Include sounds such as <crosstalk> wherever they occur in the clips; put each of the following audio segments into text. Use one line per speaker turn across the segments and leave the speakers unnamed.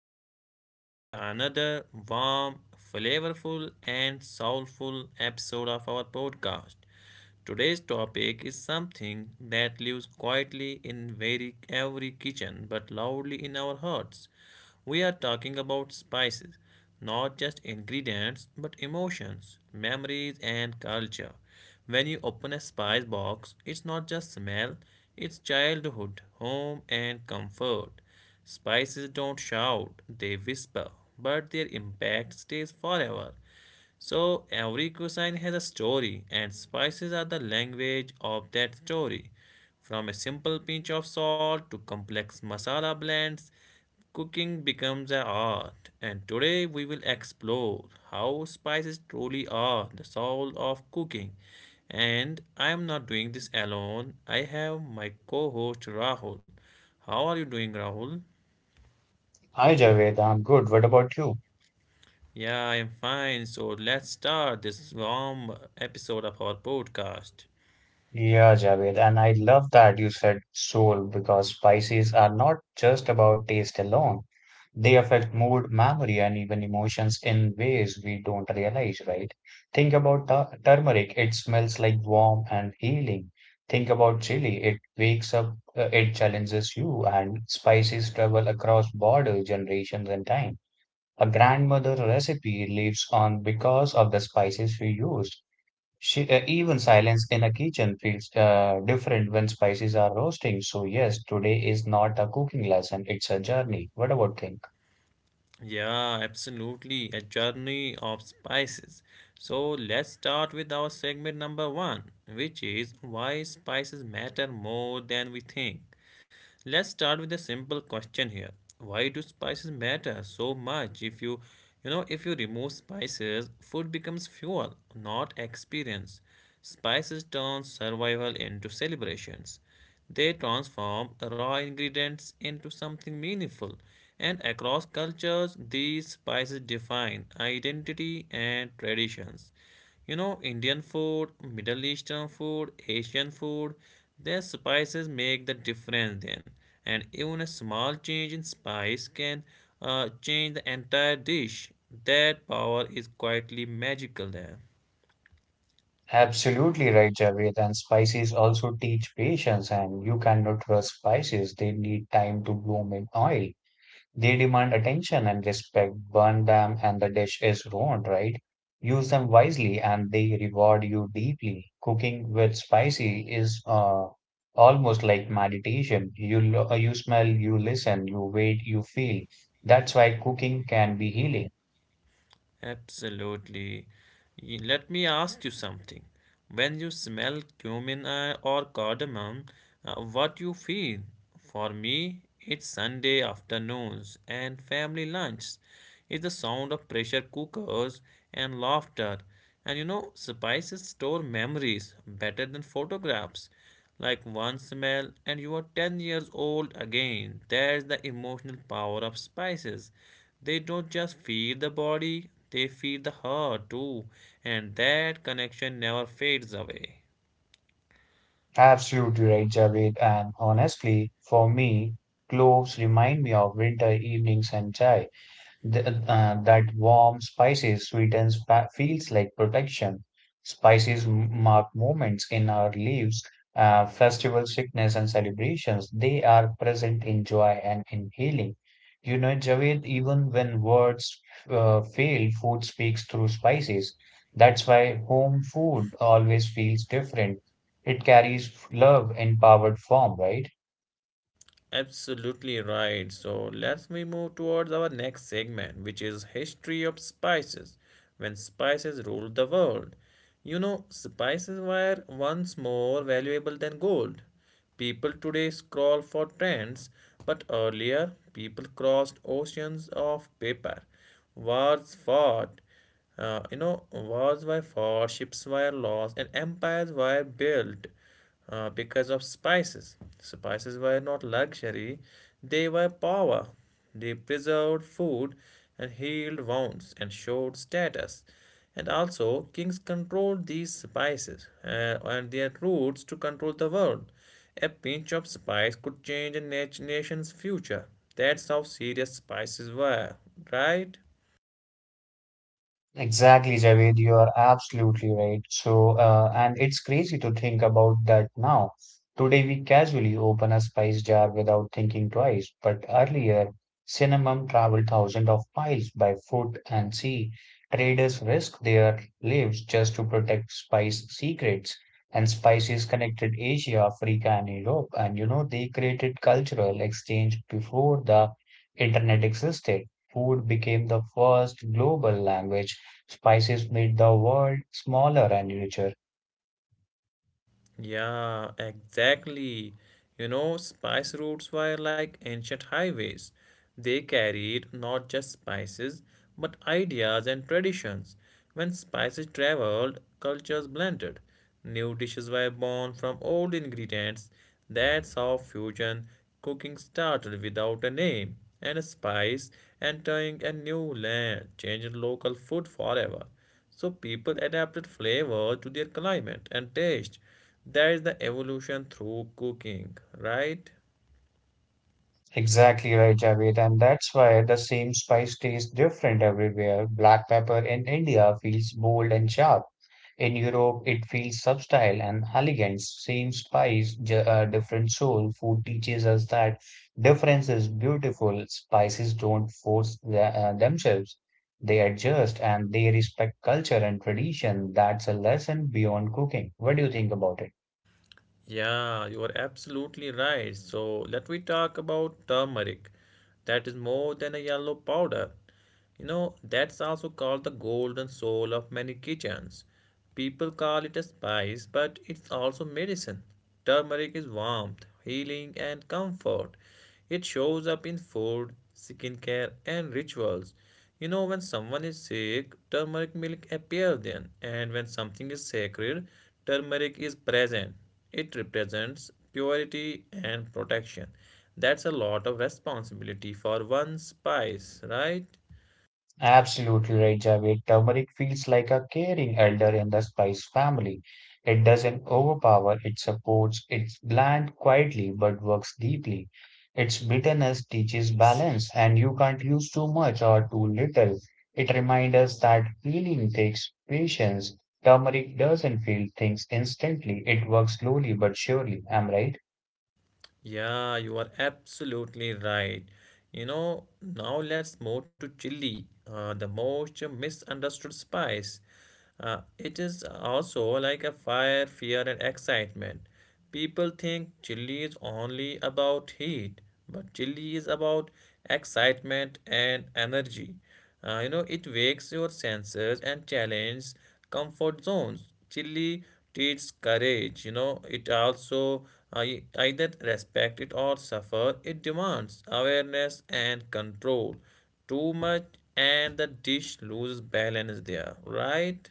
Welcome back to the another warm, flavorful and soulful episode of our podcast. Today's topic is something that lives quietly in very every kitchen but loudly in our hearts. We are talking about spices, not just ingredients but emotions, memories and culture. When you open a spice box, it's not just smell, it's childhood, home, and comfort. Spices don't shout, they whisper, but their impact stays forever. So every cuisine has a story, and spices are the language of that story. From a simple pinch of salt to complex masala blends, cooking becomes an art. And today we will explore how spices truly are the soul of cooking. And I am not doing this alone. I have my co-host Rahul. How are you doing, Rahul?
Hi Javed, I'm good. What about you?
Yeah, I am fine. So let's start this warm episode of our podcast.
Yeah, Javed, and I love that you said soul because spices are not just about taste alone. They affect mood, memory, and even emotions in ways we don't realize, right? Think about turmeric, it smells like warm and healing. Think about chili, it wakes up, it challenges you, and spices travel across borders, generations, and time. A grandmother recipe lives on because of the spices we used. Even silence in a kitchen feels different when spices are roasting. So yes, today is not a cooking lesson; it's a journey. What about think?
Yeah, absolutely. A journey of spices. So let's start with our segment number one, which is why spices matter more than we think. Let's start with a simple question here. Why do spices matter so much? If you remove spices, food becomes fuel, not experience. Spices turn survival into celebrations. They transform raw ingredients into something meaningful. And across cultures, these spices define identity and traditions. You know, Indian food, Middle Eastern food, Asian food, their spices make the difference then. And even a small change in spice can change the entire dish. That power is quietly magical there.
Absolutely right, Javed. And spices also teach patience, and you cannot trust spices. They need time to bloom in oil. They demand attention and respect. Burn them and the dish is ruined, right? Use them wisely and they reward you deeply. Cooking with spicy is almost like meditation. You smell, you listen, you wait, you feel. That's why cooking can be healing.
Absolutely. Let me ask you something. When you smell cumin or cardamom, what you feel? For me, it's Sunday afternoons and family lunches. It's the sound of pressure cookers and laughter. And you know, spices store memories better than photographs like one smell and you are 10 years old again. That's the emotional power of spices. They don't just feed the body, they feed the heart too, and that connection never fades away.
Absolutely right, Javed. And honestly, for me, cloves remind me of winter evenings and chai. That warm spices sweetens, feels like protection. Spices mark moments in our lives, festival sickness and celebrations. They are present in joy and in healing. You know, Javed, even when words fail, food speaks through spices. That's why home food always feels different. It carries love in powered form, right?
Absolutely right. So let's we move towards our next segment, which is history of spices. When spices ruled the world, you know, spices were once more valuable than gold. People today scroll for trends, but earlier people crossed oceans of paper. Wars fought, Wars were fought, ships were lost, and empires were built because of spices. Spices were not luxury, they were power. They preserved food and healed wounds and showed status. And also, kings controlled these spices and their roots to control the world. A pinch of spice could change a nation's future. That's how serious spices were, right?
Exactly, Javed, you are absolutely right. And it's crazy to think about that now. Today, we casually open a spice jar without thinking twice, but earlier, cinnamon traveled thousands of miles by foot and sea. Traders risked their lives just to protect spice secrets, and spices connected Asia, Africa, and Europe. And you know, they created cultural exchange before the internet existed. Food became the first global language. Spices made the world smaller and richer.
Yeah, exactly. You know, spice routes were like ancient highways. They carried not just spices, but ideas and traditions. When spices traveled, cultures blended. New dishes were born from old ingredients. That's how fusion cooking started without a name and a spice, entering a new land, changed local food forever. So people adapted flavor to their climate and taste. That is the evolution through cooking, right?
Exactly right, Javed. And that's why the same spice tastes different everywhere. Black pepper in India feels bold and sharp. In Europe, it feels subtle and elegant. Same spice, different soul. Food teaches us that difference is beautiful. Spices don't force themselves. They adjust and they respect culture and tradition. That's a lesson beyond cooking. What do you think about it?
Yeah, you are absolutely right. So let me talk about turmeric. That is more than a yellow powder. You know, that's also called the golden soul of many kitchens. People call it a spice, but it's also medicine. Turmeric is warmth, healing, and comfort. It shows up in food, skincare, and rituals. You know, when someone is sick, turmeric milk appears then, and when something is sacred, turmeric is present. It represents purity and protection. That's a lot of responsibility for one spice, right?
Absolutely right, Javed. Turmeric feels like a caring elder in the spice family. It doesn't overpower, it supports, it's bland quietly but works deeply. Its bitterness teaches balance, and you can't use too much or too little. It reminds us that healing takes patience. Turmeric doesn't feel things instantly, it works slowly but surely. Am I right?
Yeah, you are absolutely right. You know, now let's move to chili, the most misunderstood spice. It is also like a fire, fear, and excitement. People think chili is only about heat, but chili is about excitement and energy. You know, it wakes your senses and challenges comfort zones. Chili teaches courage. You know, it also either respect it or suffer. It demands awareness and control. Too much, and the dish loses balance there, right?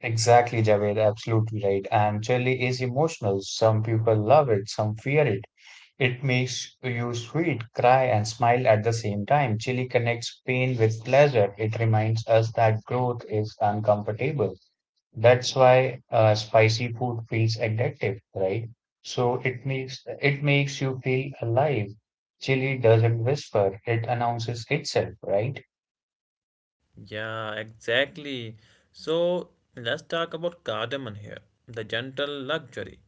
Exactly, Javed, absolutely right. And chili is emotional. Some people love it, some fear it. It makes you sweet, cry, and smile at the same time. Chili connects pain with pleasure. It reminds us that growth is uncomfortable. That's why spicy food feels addictive, right? So it makes you feel alive. Chili doesn't whisper, it announces itself, right?
Yeah, exactly. So let's talk about cardamom here, the gentle luxury.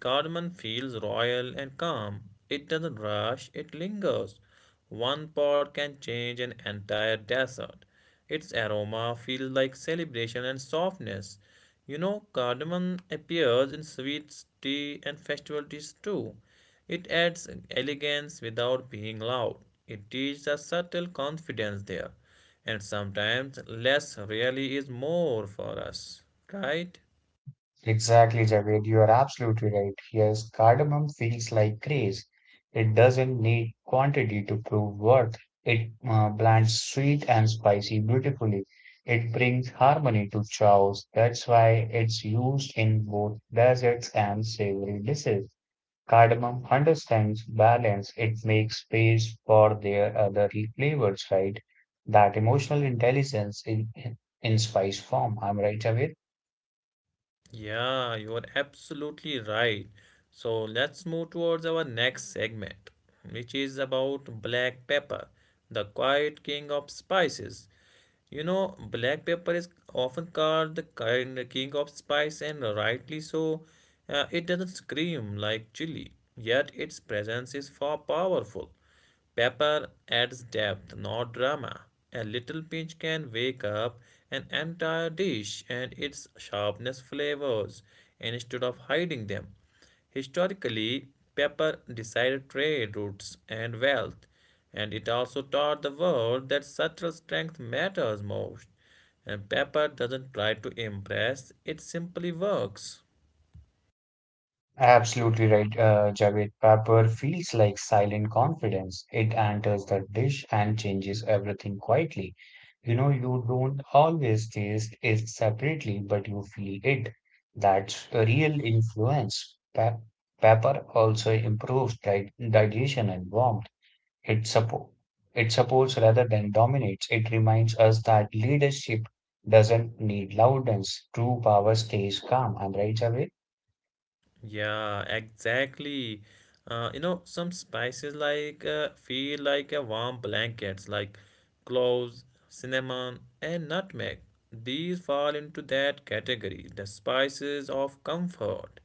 Cardamom feels royal and calm. It doesn't rush, it lingers. One pod can change an entire desert. Its aroma feels like celebration and softness. You know, cardamom appears in sweets, tea, and festival teas too. It adds elegance without being loud. It teaches a subtle confidence there and sometimes less really is more for us, right?
Exactly, Javed. You are absolutely right. Yes, cardamom feels like grace. It doesn't need quantity to prove worth. It blends sweet and spicy beautifully. It brings harmony to chows. That's why it's used in both desserts and savory dishes. Cardamom understands balance. It makes space for their other flavors, right? That emotional intelligence in spice form. I'm right, Javed?
Yeah, you are absolutely right. So let's move towards our next segment, which is about black pepper, the quiet king of spices. You know, black pepper is often called the king of spice, and rightly so. It doesn't scream like chili, yet its presence is far powerful. Pepper adds depth, not drama. A little pinch can wake up an entire dish and its sharpness flavors instead of hiding them. Historically, pepper decided trade routes and wealth, and it also taught the world that subtle strength matters most. And pepper doesn't try to impress, it simply works.
Absolutely right, Javed. Pepper feels like silent confidence. It enters the dish and changes everything quietly. You know, you don't always taste it separately, but you feel it. That's a real influence. Pepper also improves di digestion and warmth. It support it supports rather than dominates. It reminds us that leadership doesn't need loudness. True power stays calm. I'm right, Javed.
Yeah, exactly. You know, some spices feel like a warm blankets, like cloves, cinnamon, and nutmeg. These fall into that category, the spices of comfort.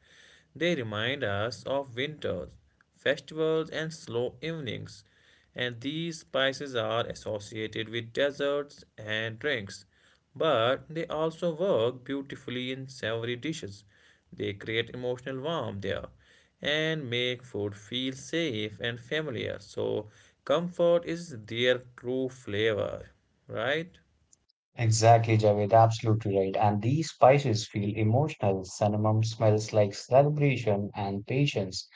They remind us of winters, festivals, and slow evenings and these spices are associated with desserts and drinks, but they also work beautifully in savory dishes. They create emotional warmth there and make food feel safe and familiar. So, comfort is their true flavor, right?
Exactly, Javed, absolutely right. And these spices feel emotional. Cinnamon smells like celebration and patience.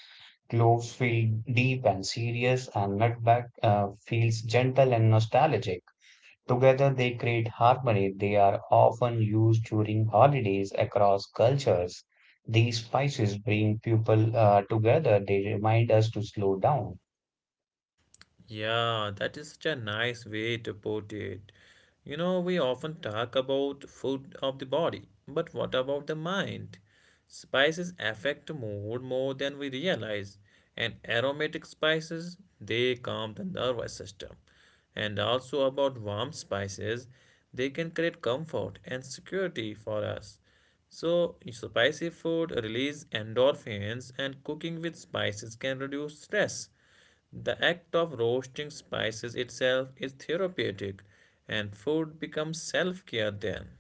Cloves feel deep and serious, and nutmeg feels gentle and nostalgic. Together, they create harmony. They are often used during holidays across cultures. These spices bring people together. They remind us to slow down.
Yeah, that is such a nice way to put it. You know, we often talk about food of the body, but what about the mind? Spices affect mood more than we realize, and aromatic spices, they calm the nervous system. And also about warm spices, they can create comfort and security for us. So, spicy food release endorphins, and cooking with spices can reduce stress. The act of roasting spices itself is therapeutic, and food becomes self care then.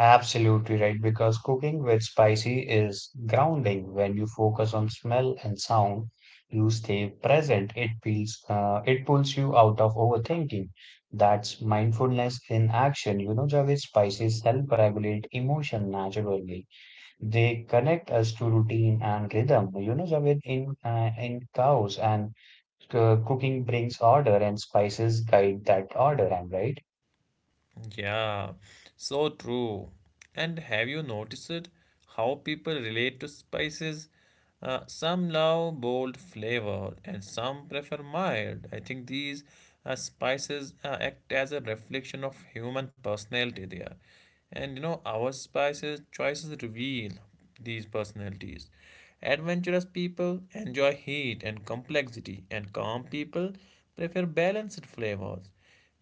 Absolutely right, because cooking with spicy is grounding. When you focus on smell and sound, you stay present. It pulls you out of overthinking. That's mindfulness in action. You know, Javed, spices self-regulate emotion naturally. They connect us to routine and rhythm. You know, Javed, in chaos and cooking brings order, and spices guide that order. I'm right.
Yeah, so true. And have you noticed how people relate to spices? Some love bold flavor and some prefer mild. I think these spices act as a reflection of human personality there. And you know, our spices choices reveal these personalities. Adventurous people enjoy heat and complexity, and calm people prefer balanced flavors.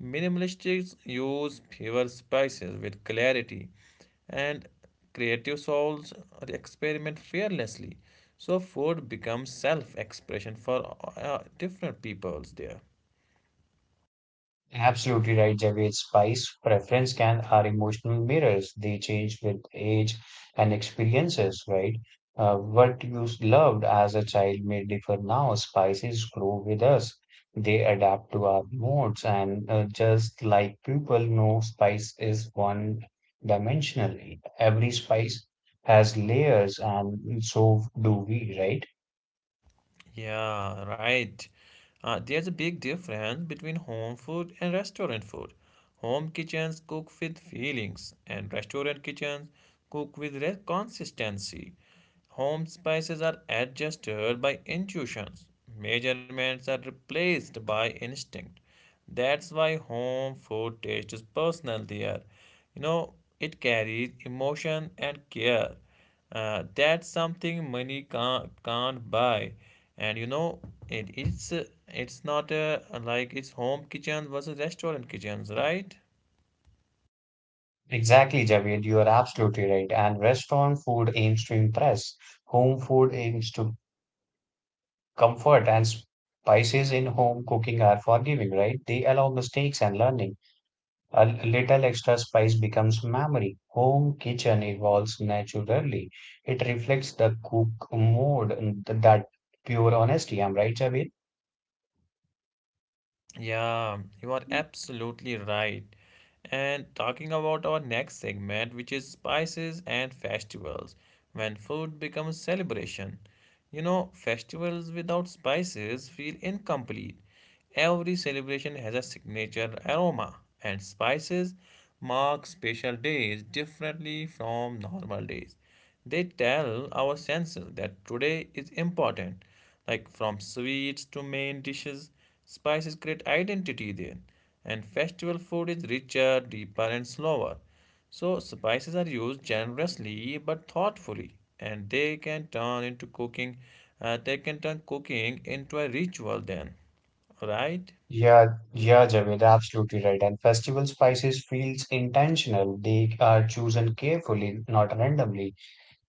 Minimalists use fewer spices with clarity, and creative souls experiment fearlessly. So, food becomes self expression for different peoples there.
Absolutely right, Javed Spice. Preference can are emotional mirrors. They change with age and experiences, right? What you loved as a child may differ now. Spices grow with us. They adapt to our moods, and just like people, no spice is one dimensional. Every spice has layers, and so do we, right?
Yeah, right. There's a big difference between home food and restaurant food. Home kitchens cook with feelings, and restaurant kitchens cook with consistency. Home spices are adjusted by intuitions, measurements are replaced by instinct. That's why home food taste is personal there. You know, it carries emotion and care that's something money can't buy and you know it, it's it's not like it's home kitchen versus restaurant kitchens, right?
Exactly, Javed, you are absolutely right. And restaurant food aims to impress, home food aims to comfort, and spices in home cooking are forgiving, right? They allow mistakes and learning. A little extra spice becomes memory. Home kitchen evolves naturally. It reflects the cook mode and that pure honesty. I'm right, Javed?
Yeah, you are absolutely right. And talking about our next segment, which is spices and festivals, when food becomes celebration. You know, festivals without spices feel incomplete. Every celebration has a signature aroma, and spices mark special days differently from normal days. They tell our senses that today is important, like from sweets to main dishes. Spices create identity there, and festival food is richer, deeper, and slower. So, spices are used generously but thoughtfully, and they can turn into cooking. They can turn cooking into a ritual then, right?
Yeah, yeah, Javed, absolutely right. And festival spices feels intentional. They are chosen carefully, not randomly.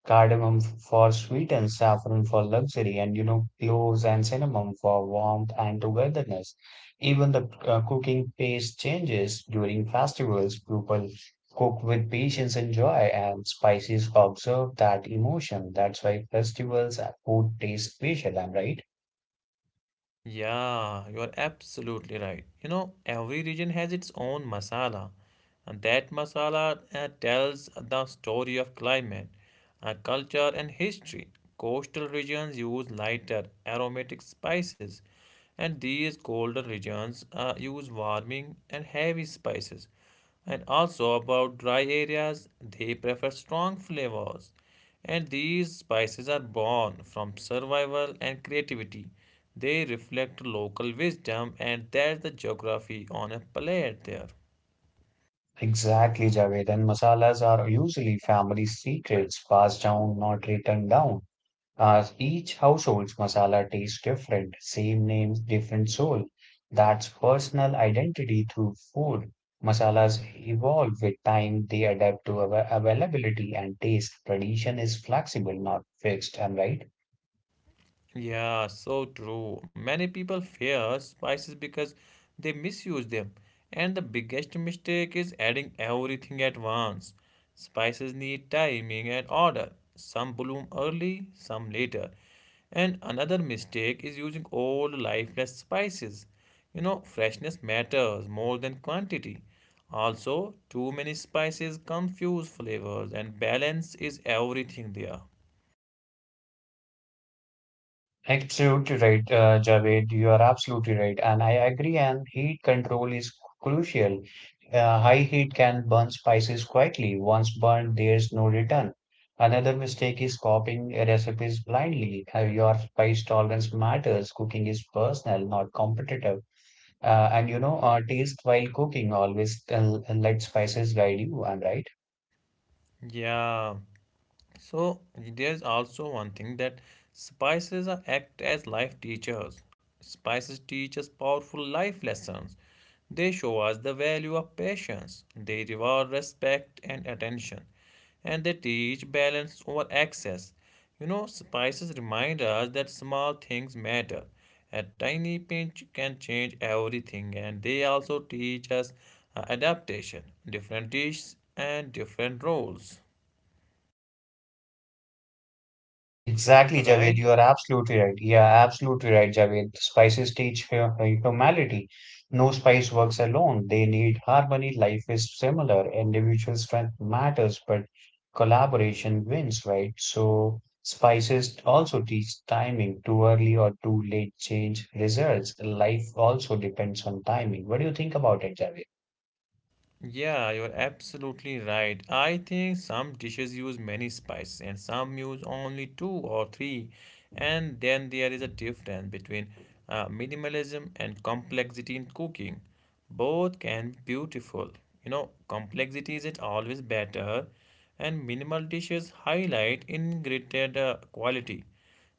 Cardamom for sweet and saffron for luxury, and you know, cloves and cinnamon for warmth and togetherness. Even the cooking pace changes during festivals. People cook with patience and joy, and spices observe that emotion. That's why festivals and food taste special. Am I right?
Yeah, you are absolutely right. You know, every region has its own masala, and that masala tells the story of climate, culture, and history. Coastal regions use lighter, aromatic spices, and these colder regions use warming and heavy spices. And also about dry areas, they prefer strong flavors. And these spices are born from survival and creativity. They reflect local wisdom and that's the geography on a plate there.
Exactly, Javed, and masalas are usually family secrets, passed down, not written down. As each household's masala tastes different, same name, different soul. That's personal identity through food. Masalas evolve with time, they adapt to availability and taste. Tradition is flexible, not fixed. Am I right?
Yeah, so true. Many people fear spices because they misuse them, and the biggest mistake is adding everything at once. Spices need timing and order. Some bloom early, some later. And another mistake is using old, lifeless spices. You know, freshness matters more than quantity. Also, too many spices confuse flavors, and balance is everything there.
Absolutely right, Javed. You are absolutely right. And I agree, and heat control is crucial. High heat can burn spices quickly. Once burned, there's no return. Another mistake is copying recipes blindly. Your spice tolerance matters. Cooking is personal, not competitive. And you know, taste while cooking, always let spices guide you. I'm right.
Yeah. So there's also one thing that spices are act as life teachers. Spices teach us powerful life lessons. They show us the value of patience. They reward respect and attention. And they teach balance over excess. You know, spices remind us that small things matter. A tiny pinch can change everything, and they also teach us adaptation, different dishes, and different roles.
Exactly, Javed. You
Right?
are absolutely right. Yeah, absolutely right, Javed. Spices teach humanity. No spice works alone. They need harmony. Life is similar. Individual strength matters, but collaboration wins, right? So spices also teach timing. Too early or too late change results. Life also depends on timing. What do you think about it, Javed?
Yeah, you're absolutely right. I think some dishes use many spices and some use only two or three. And then there is a difference between minimalism and complexity in cooking. Both can be beautiful. You know, complexity isn't always better, and minimal dishes highlight ingredient quality.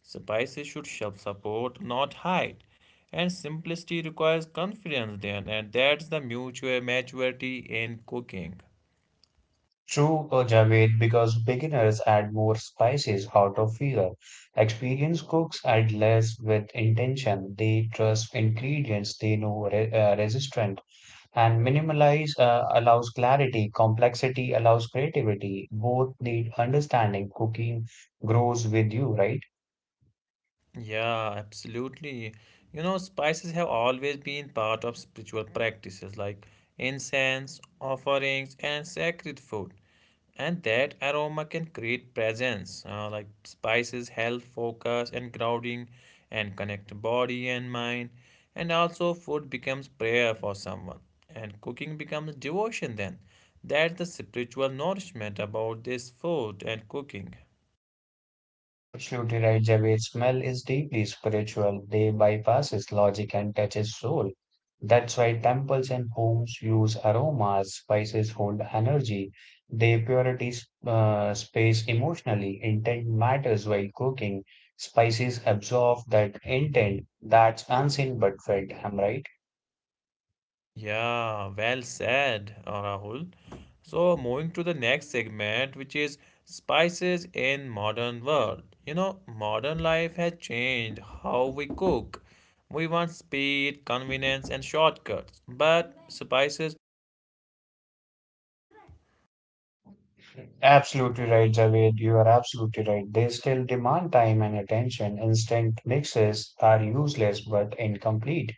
Spices should help support, not hide and simplicity requires confidence then and that's the mutual maturity in cooking.
True, Javed, because beginners add more spices out of fear. Experienced cooks add less with intention. They trust ingredients they know re resistant. And minimalize allows clarity. Complexity allows creativity. Both need understanding. Cooking grows with you, right?
Yeah, absolutely. You know, spices have always been part of spiritual practices like incense, offerings, and sacred food. And that aroma can create presence. Like spices help focus and grounding and connect body and mind. And also, food becomes prayer for someone, and cooking becomes devotion then. That's the spiritual nourishment about this food and cooking.
Absolutely right, Javed. Smell is deeply spiritual. They bypasses logic and touches soul. That's why temples and homes use aromas, spices hold energy. They purity space emotionally. Intent matters while cooking. Spices absorb that intent that's unseen but felt. Am I right?
Yeah, well said, Rahul. So moving to the next segment, which is spices in modern world. You know, modern life has changed how we cook. We want speed, convenience, and shortcuts, but spices.
Absolutely right, Javed. You are absolutely right. They still demand time and attention. Instant mixes are useless but incomplete.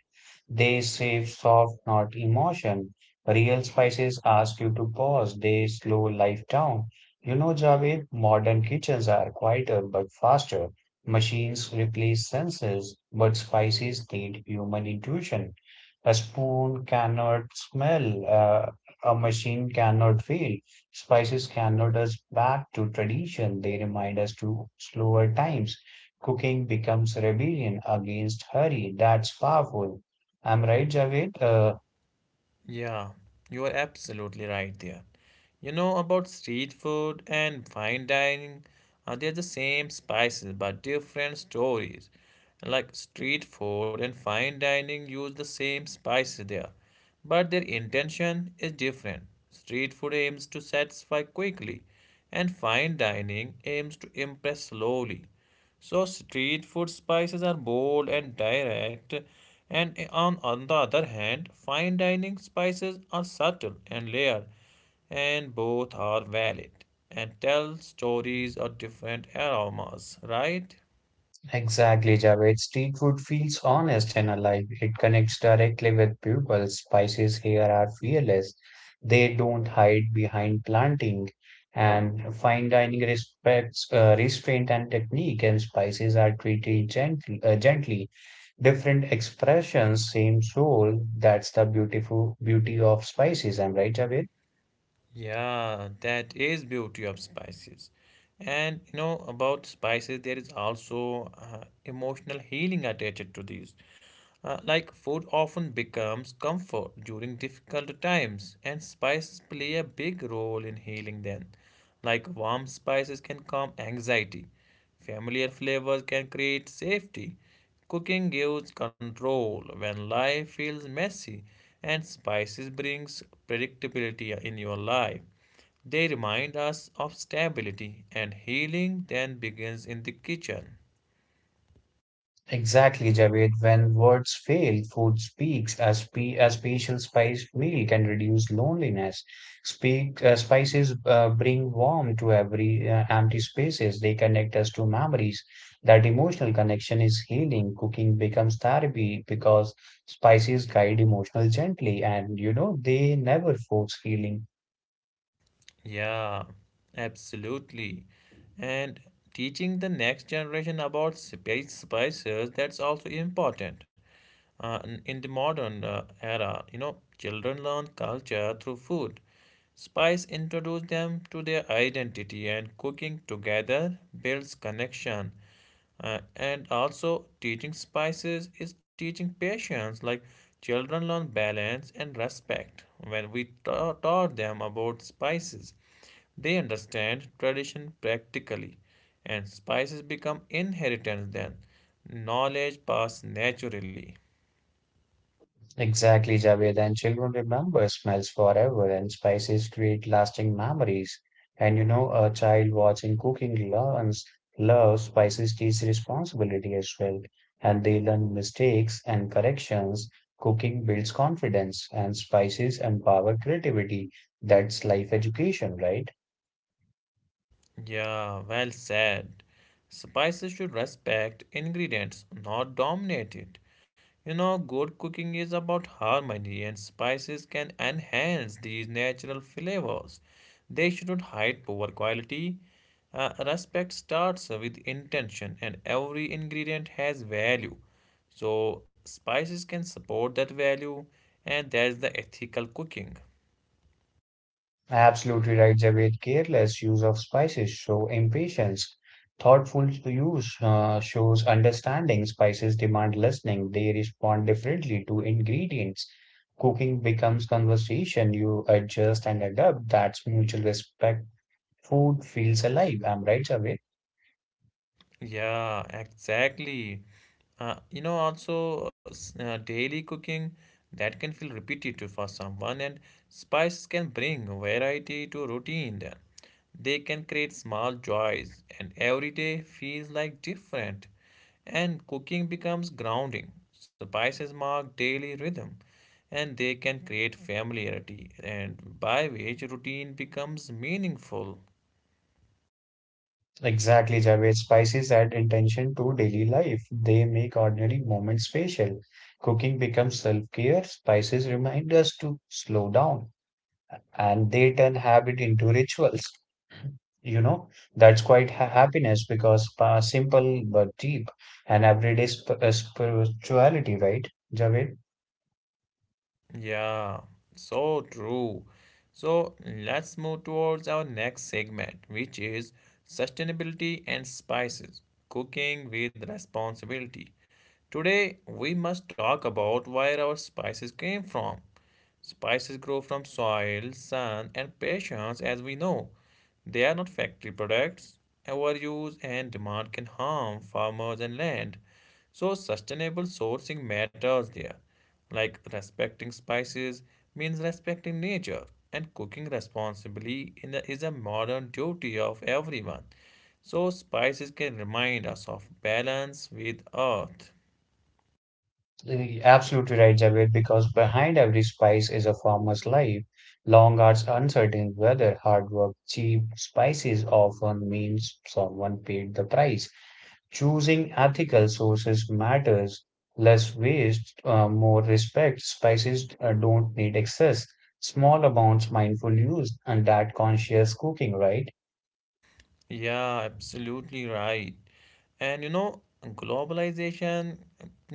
They save soft, not emotion. Real spices ask you to pause. They slow life down. You know, Javed, modern kitchens are quieter but faster. Machines replace senses, but spices need human intuition. A spoon cannot smell, a machine cannot feel. Spices can nod us back to tradition, they remind us to slower times. Cooking becomes rebellion against hurry. That's powerful. I'm right, Javed.
Yeah, you are absolutely right there. You know about street food and fine dining, they're the same spices but different stories. Like street food and fine dining use the same spices there, but their intention is different. Street food aims to satisfy quickly, and fine dining aims to impress slowly. So street food spices are bold and direct, and on the other hand, fine dining spices are subtle and layered, and both are valid and tell stories of different aromas, right?
Exactly, Javed. Street food feels honest and alive. It connects directly with people. Spices here are fearless. They don't hide behind planting. And fine dining respects restraint and technique, and spices are treated gently. Different expressions, same soul. That's the beautiful beauty of spices. Am I right, Javed?
Yeah, that is beauty of spices. And you know about spices, there is also emotional healing attached to these. Like food often becomes comfort during difficult times, and spices play a big role in healing them. Like warm spices can calm anxiety, familiar flavors can create safety. Cooking gives control when life feels messy, and spices brings predictability in your life. They remind us of stability, and healing then begins in the kitchen.
Exactly, Javed. When words fail, food speaks. A special spiced meal can reduce loneliness. Spices bring warmth to every empty spaces. They connect us to memories. That emotional connection is healing. Cooking becomes therapy because spices guide emotional gently, and you know they never force healing.
Yeah, absolutely. And teaching the next generation about space spices, that's also important. In the modern era, you know, children learn culture through food. Spice introduce them to their identity and cooking together builds connection. And also, teaching spices is teaching patience. Like children learn balance and respect when we taught them about spices. They understand tradition practically, and spices become inheritance then. Knowledge passed naturally.
Exactly, Javed. And children remember smells forever, and spices create lasting memories. And you know, a child watching cooking learns love, spices teach responsibility as well. And they learn mistakes and corrections. Cooking builds confidence, and spices empower creativity. That's life education, right?
Yeah, well said. Spices should respect ingredients, not dominate it. You know, good cooking is about harmony, and spices can enhance these natural flavors. They should not hide poor quality. Respect starts with intention, and every ingredient has value. So, spices can support that value, and that's the ethical cooking.
Absolutely right, Javed. Careless use of spices show impatience. Thoughtful use shows understanding. Spices demand listening. They respond differently to ingredients. Cooking becomes conversation. You adjust and adapt. That's mutual respect. Food feels alive. I'm right, Javed.
Yeah, exactly. You know, also daily cooking that can feel repetitive for someone, and spices can bring variety to routine. Then they can create small joys, and every day feels like different. And cooking becomes grounding. Spices mark daily rhythm, and they can create familiarity, and by which routine becomes meaningful.
Exactly, Javed. Spices add intention to daily life. They make ordinary moments special. Cooking becomes self-care. Spices remind us to slow down, and they turn habit into rituals. You know, that's quite ha happiness because simple but deep and everyday sp spirituality, right, Javed?
Yeah, so true. So let's move towards our next segment, which is sustainability and spices, cooking with responsibility. Today, we must talk about where our spices came from. Spices grow from soil, sun, and patience, as we know. They are not factory products. Overuse and demand can harm farmers and land. So, sustainable sourcing matters there. Like respecting spices means respecting nature, and cooking responsibly in is a modern duty of everyone. So, spices can remind us of balance with earth.
You're absolutely right, Javed, because behind every spice is a farmer's life. Long hours, uncertain weather, hard work, cheap spices often means someone paid the price. Choosing ethical sources matters. Less waste, more respect. Spices don't need excess. Small amounts, mindful use, and that conscious cooking, right?
Yeah, absolutely right. And you know, globalization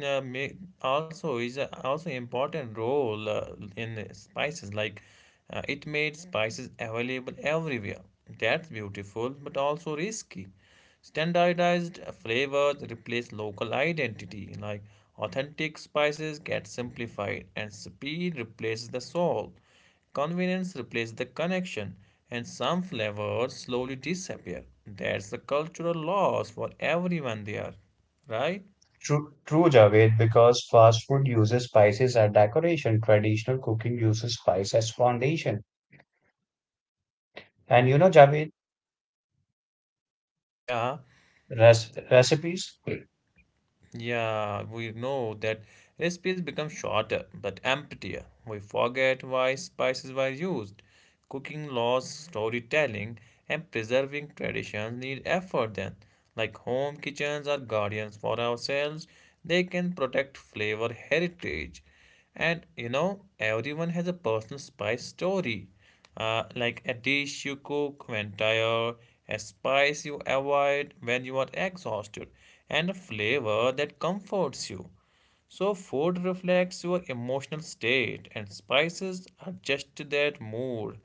may also also important role in spices. Like it made spices available everywhere. That's beautiful, but also risky. Standardized flavors replace local identity. Like authentic spices get simplified, and speed replaces the soul. Convenience replaces the connection, and some flavors slowly disappear. That's the cultural loss for everyone there, right?
True, Javed, because fast food uses spices as decoration. Traditional cooking uses spice as foundation. And, Javed,
Yeah.
res recipes?
Yeah, we know that recipes become shorter but emptier. We forget why spices were used. Cooking laws, storytelling, and preserving traditions need effort then. Like home kitchens are guardians for ourselves, they can protect flavor heritage. And you know, everyone has a personal spice story. Like a dish you cook when tired, a spice you avoid when you are exhausted, and a flavor that comforts you. So, food reflects your emotional state, and spices are just to that mood.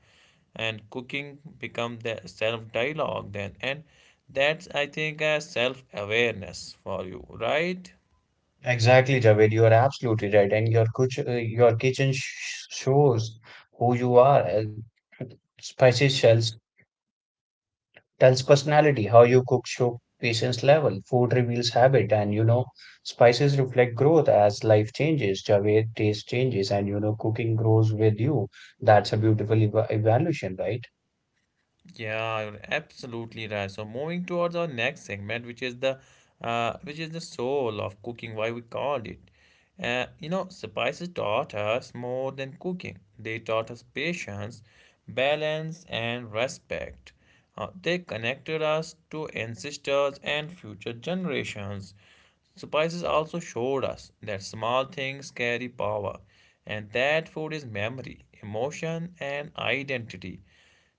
And cooking becomes the self dialogue then, and that's I think a self awareness for you, right?
Exactly, Javed, you are absolutely right. And your kuch your kitchen sh shows who you are. Spicy shells tells personality. How you cook show patience level. Food reveals habit. And, spices reflect growth as life changes. Javed, taste changes, and, cooking grows with you. That's a beautiful evaluation, right?
Yeah, you're absolutely right. So moving towards our next segment, which is the soul of cooking, why we called it. You know, spices taught us more than cooking. They taught us patience, balance, and respect. They connected us to ancestors and future generations. Spices also showed us that small things carry power and that food is memory, emotion, and identity.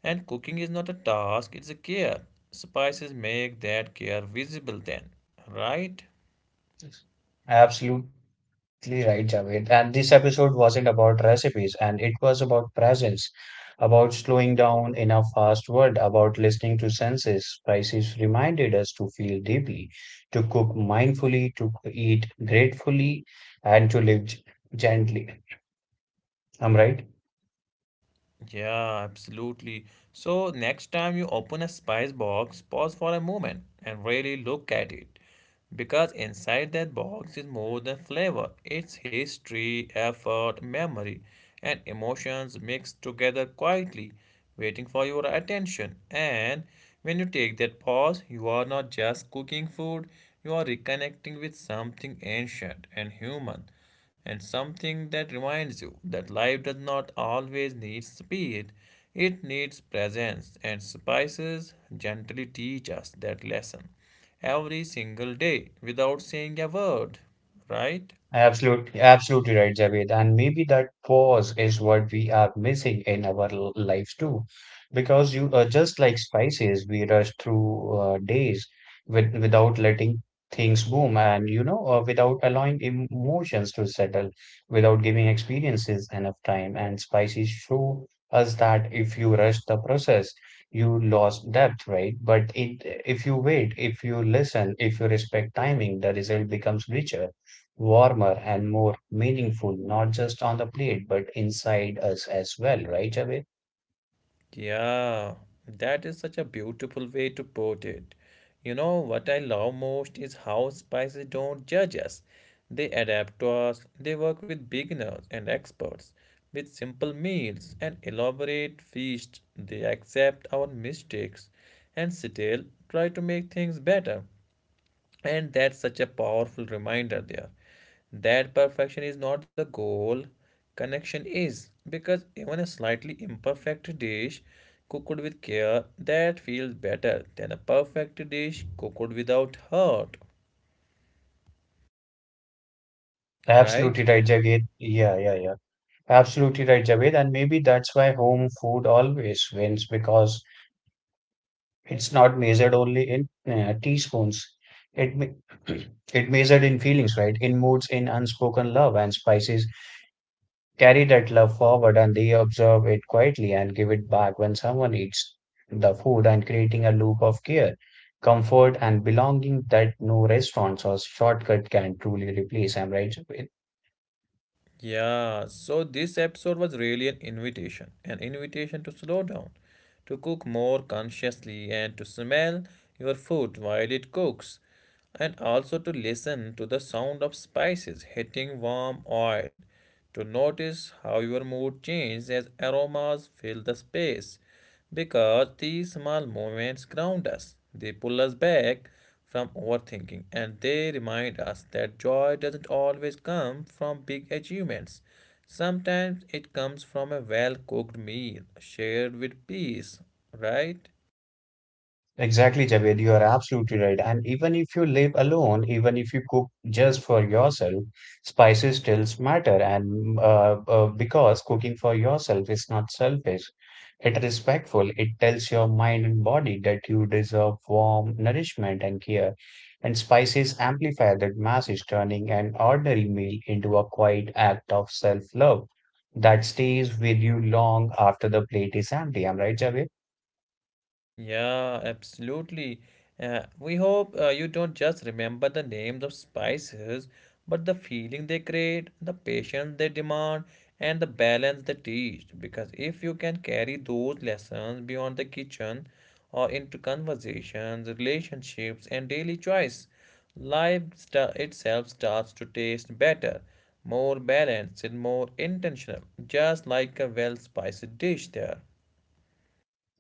And cooking is not a task, it's a care. Spices make that care visible then, right?
Absolute. Exactly right, Javed. And this episode wasn't about recipes, and it was about presence, about slowing down in a fast world, about listening to senses. Spices reminded us to feel deeply, to cook mindfully, to eat gratefully, and to live gently. Am I right?
Yeah, absolutely. So, next time you open a spice box, pause for a moment and really look at it. Because inside that box is more than flavor, it's history, effort, memory, and emotions mixed together quietly, waiting for your attention. And when you take that pause, you are not just cooking food, you are reconnecting with something ancient and human and something that reminds you that life does not always need speed, it needs presence, and spices gently teach us that lesson every single day without saying a word, right?
Absolutely right, Javed. And maybe that pause is what we are missing in our lives too. Because you are just like spices, we rush through days with, without letting things boom and, without allowing emotions to settle, without giving experiences enough time. And spices show us that if you rush the process, you lost depth, right? But if you wait, if you listen, if you respect timing, the result becomes richer, warmer and more meaningful, not just on the plate, but inside us as well, right, Javed?
Yeah, that is such a beautiful way to put it. You know, what I love most is how spices don't judge us. They adapt to us, they work with beginners and experts, with simple meals and elaborate feasts. They accept our mistakes and still try to make things better. And that's such a powerful reminder there that perfection is not the goal, connection is. Because even a slightly imperfect dish cooked with care that feels better than a perfect dish cooked without heart,
Absolutely
right?
right, Javed. Yeah, yeah, yeah. Absolutely right, Javed. And maybe that's why home food always wins because it's not measured only in teaspoons. It me <clears throat> it measured in feelings, right? In moods, in unspoken love, and spices carry that love forward and they observe it quietly and give it back when someone eats the food and creating a loop of care, comfort, and belonging that no restaurants or shortcut can truly replace. I'm right. Jabir?
Yeah, so this episode was really an invitation to slow down, to cook more consciously, and to smell your food while it cooks, and also to listen to the sound of spices hitting warm oil, to notice how your mood changes as aromas fill the space, because these small moments ground us. They pull us back from overthinking and they remind us that joy doesn't always come from big achievements. Sometimes it comes from a well cooked meal shared with peace, right?
Exactly, Javed, you are absolutely right. And even if you live alone, even if you cook just for yourself, spices still matter. And because cooking for yourself is not selfish, it respectful. It tells your mind and body that you deserve warm nourishment and care. And spices amplify that message, turning an ordinary meal into a quiet act of self-love that stays with you long after the plate is empty. Am I right, Javed?
Yeah, absolutely. We hope you don't just remember the names of spices, but the feeling they create, the patience they demand, and the balance they teach. Because if you can carry those lessons beyond the kitchen or into conversations, relationships, and daily choice, life sta itself starts to taste better, more balanced, and more intentional, just like a well-spiced dish there.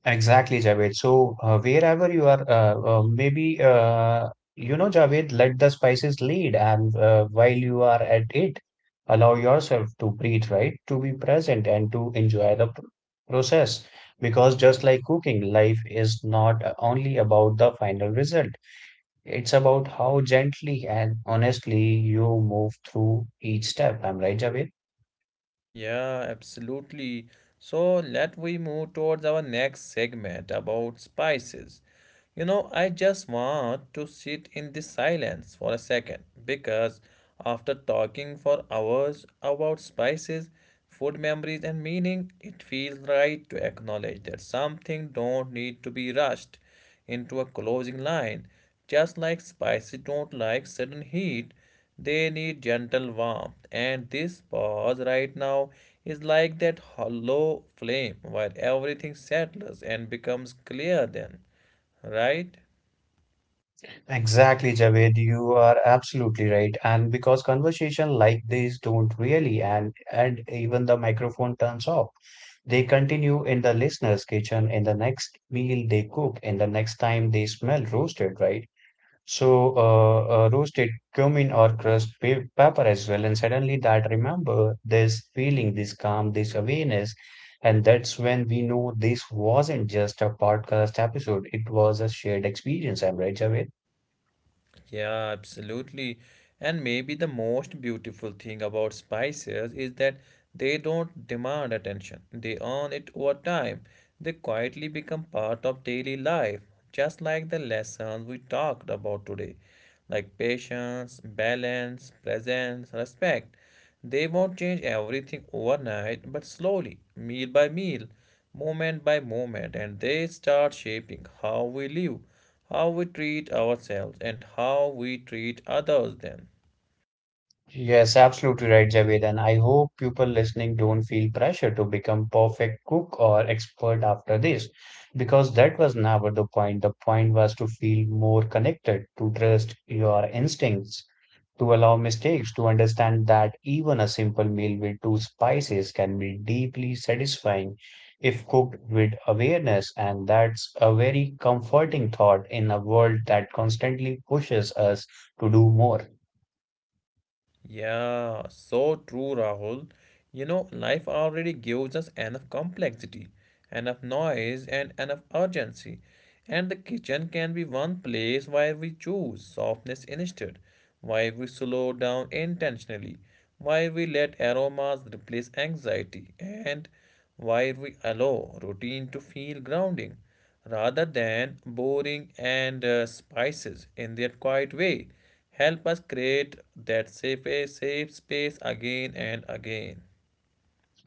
Exactly, Javed. So, wherever you are, Javed, let the spices lead. And while you are at it, allow yourself to breathe, right? To be present and to enjoy the process. Because just like cooking, life is not only about the final result, it's about how gently and honestly you move through each step. I'm right, Javed?
Yeah, absolutely. So let we move towards our next segment about spices. You know, I just want to sit in this silence for a second because after talking for hours about spices, food memories and meaning, it feels right to acknowledge that something don't need to be rushed into a closing line. Just like spices don't like sudden heat, they need gentle warmth. And this pause right now is like that hollow flame where everything settles and becomes clear then, right?
Exactly, Javed, you are absolutely right. And because conversation like these don't really and even the microphone turns off, they continue in the listener's kitchen in the next meal they cook, in the next time they smell roasted, right? So, roasted cumin or crushed pe pepper as well. And suddenly that remember this feeling, this calm, this awareness. And that's when we know this wasn't just a podcast episode. It was a shared experience. I'm right, Javed?
Yeah, absolutely. And maybe the most beautiful thing about spices is that they don't demand attention. They earn it over time. They quietly become part of daily life, just like the lessons we talked about today, like patience, balance, presence, respect. They won't change everything overnight, but slowly, meal by meal, moment by moment, and they start shaping how we live, how we treat ourselves, and how we treat others then.
Yes, absolutely right, Javed. And I hope people listening don't feel pressure to become perfect cook or expert after this, because that was never the point. The point was to feel more connected, to trust your instincts, to allow mistakes, to understand that even a simple meal with two spices can be deeply satisfying if cooked with awareness. And that's a very comforting thought in a world that constantly pushes us to do more.
Yeah, so true, Rahul. You know, life already gives us enough complexity, enough noise, and enough urgency. And the kitchen can be one place where we choose softness instead, where we slow down intentionally, where we let aromas replace anxiety, and where we allow routine to feel grounding rather than boring and spices in their quiet way. Help us create that safe space again and again.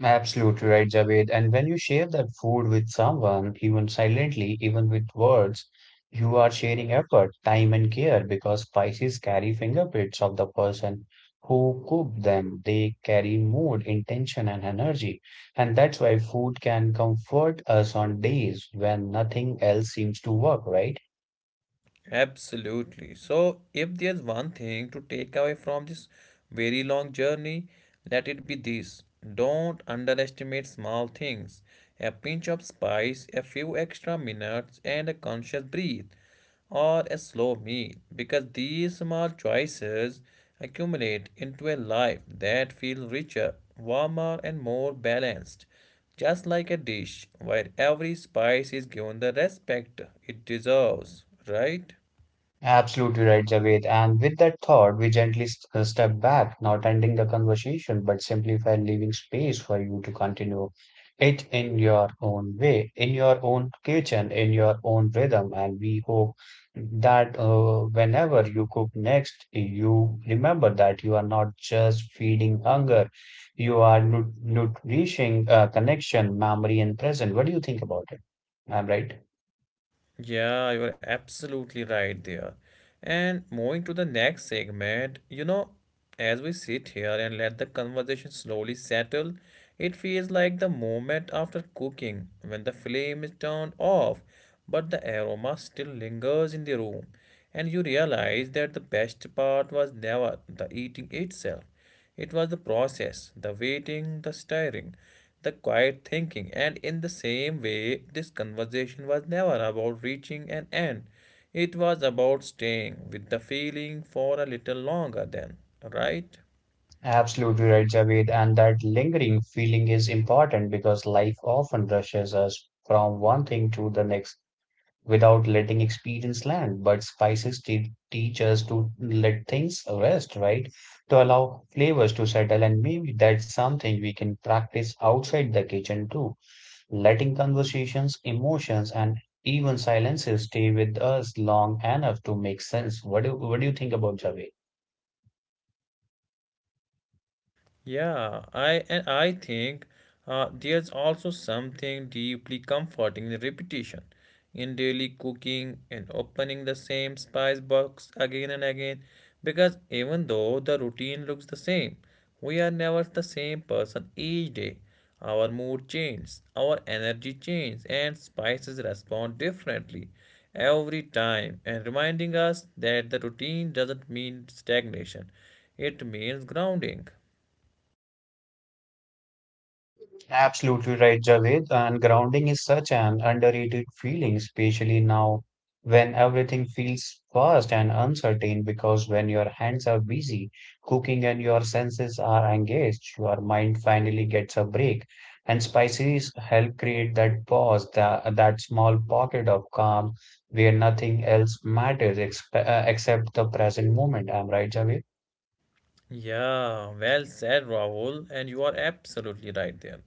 Absolutely right, Javed. And when you share that food with someone, even silently, even with words, you are sharing effort, time, and care because spices carry fingerprints of the person who cooked them. They carry mood, intention, and energy. And that's why food can comfort us on days when nothing else seems to work, right?
Absolutely. So, if there's one thing to take away from this very long journey, let it be this. Don't underestimate small things. A pinch of spice, a few extra minutes, and a conscious breathe or a slow meal because these small choices accumulate into a life that feels richer, warmer, and more balanced. Just like a dish where every spice is given the respect it deserves, right?
Absolutely right, Javed. And with that thought, we gently step back, not ending the conversation, but simply by leaving space for you to continue it in your own way, in your own kitchen, in your own rhythm. And we hope that whenever you cook next, you remember that you are not just feeding hunger, you are nourishing connection, memory, and present. What do you think about it? I'm right.
Yeah, you're absolutely right there. And moving to the next segment, you know, as we sit here and let the conversation slowly settle, it feels like the moment after cooking when the flame is turned off, but the aroma still lingers in the room, and you realize that the best part was never the eating itself. It was the process, the waiting, the stirring, the quiet thinking, and in the same way, this conversation was never about reaching an end. It was about staying with the feeling for a little longer, then, right?
Absolutely right, Javed. And that lingering feeling is important because life often rushes us from one thing to the next without letting experience land. But spices te teach us to let things rest, right? To allow flavors to settle. And maybe that's something we can practice outside the kitchen too. Letting conversations, emotions, and even silences stay with us long enough to make sense. What do you think about Javed?
Yeah, I and I think there's also something deeply comforting in repetition, in daily cooking and opening the same spice box again and again, because even though the routine looks the same, we are never the same person each day. Our mood changes, our energy changes, and spices respond differently every time, and reminding us that the routine doesn't mean stagnation; it means grounding.
Absolutely right, Javed. And grounding is such an underrated feeling, especially now when everything feels fast and uncertain. Because when your hands are busy cooking and your senses are engaged, your mind finally gets a break. And spices help create that pause, that small pocket of calm where nothing else matters exp except the present moment. Am I right, Javed?
Yeah, well said, Rahul, and you are absolutely right there.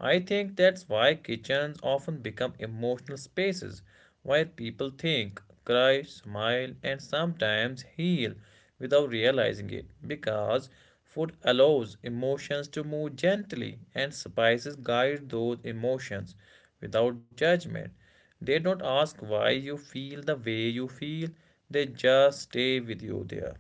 I think that's why kitchens often become emotional spaces where people think, cry, smile, and sometimes heal without realizing it, because food allows emotions to move gently and spices guide those emotions without judgment. They don't ask why you feel the way you feel, they just stay with you there.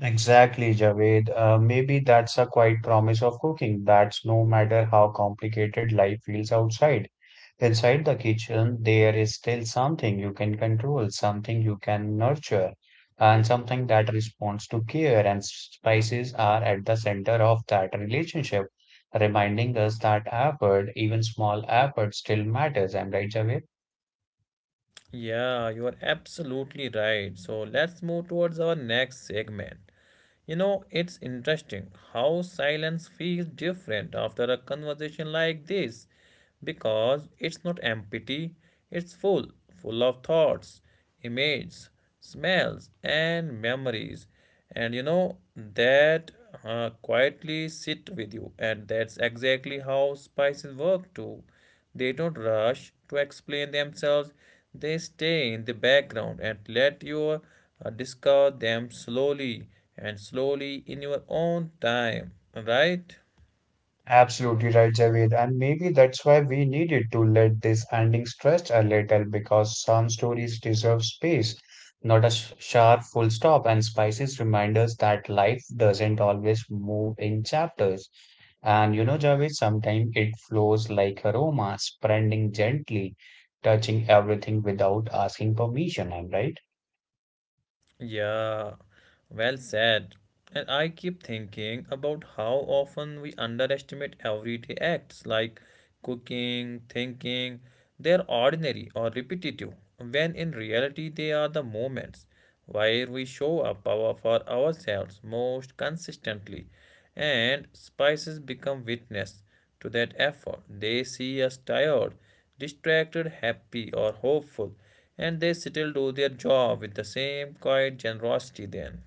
Exactly, Javed. Maybe that's a quiet promise of cooking. That's no matter how complicated life feels outside. Inside the kitchen, there is still something you can control, something you can nurture, and something that responds to care. And spices are at the center of that relationship, reminding us that effort, even small effort, still matters. Am I right, Javed?
Yeah, you are absolutely right. So let's move towards our next segment. You know, it's interesting how silence feels different after a conversation like this because it's not empty, it's full, full of thoughts, images, smells, and memories. And you know, that quietly sit with you, and that's exactly how spices work too. They don't rush to explain themselves, they stay in the background and let you discover them slowly and slowly in your own time, right?
Absolutely right, Javed. And maybe that's why we needed to let this ending stretch a little because some stories deserve space, not a sharp full stop, and spices remind us that life doesn't always move in chapters. And, Javed, sometimes it flows like aroma, spreading gently, touching everything without asking permission. I'm right.
Yeah, well said. And I keep thinking about how often we underestimate everyday acts like cooking, thinking. They're ordinary or repetitive, when in reality, they are the moments where we show for ourselves most consistently, and spices become witness to that effort. They see us tired, distracted, happy, or hopeful, and they still do their job with the same quiet generosity then.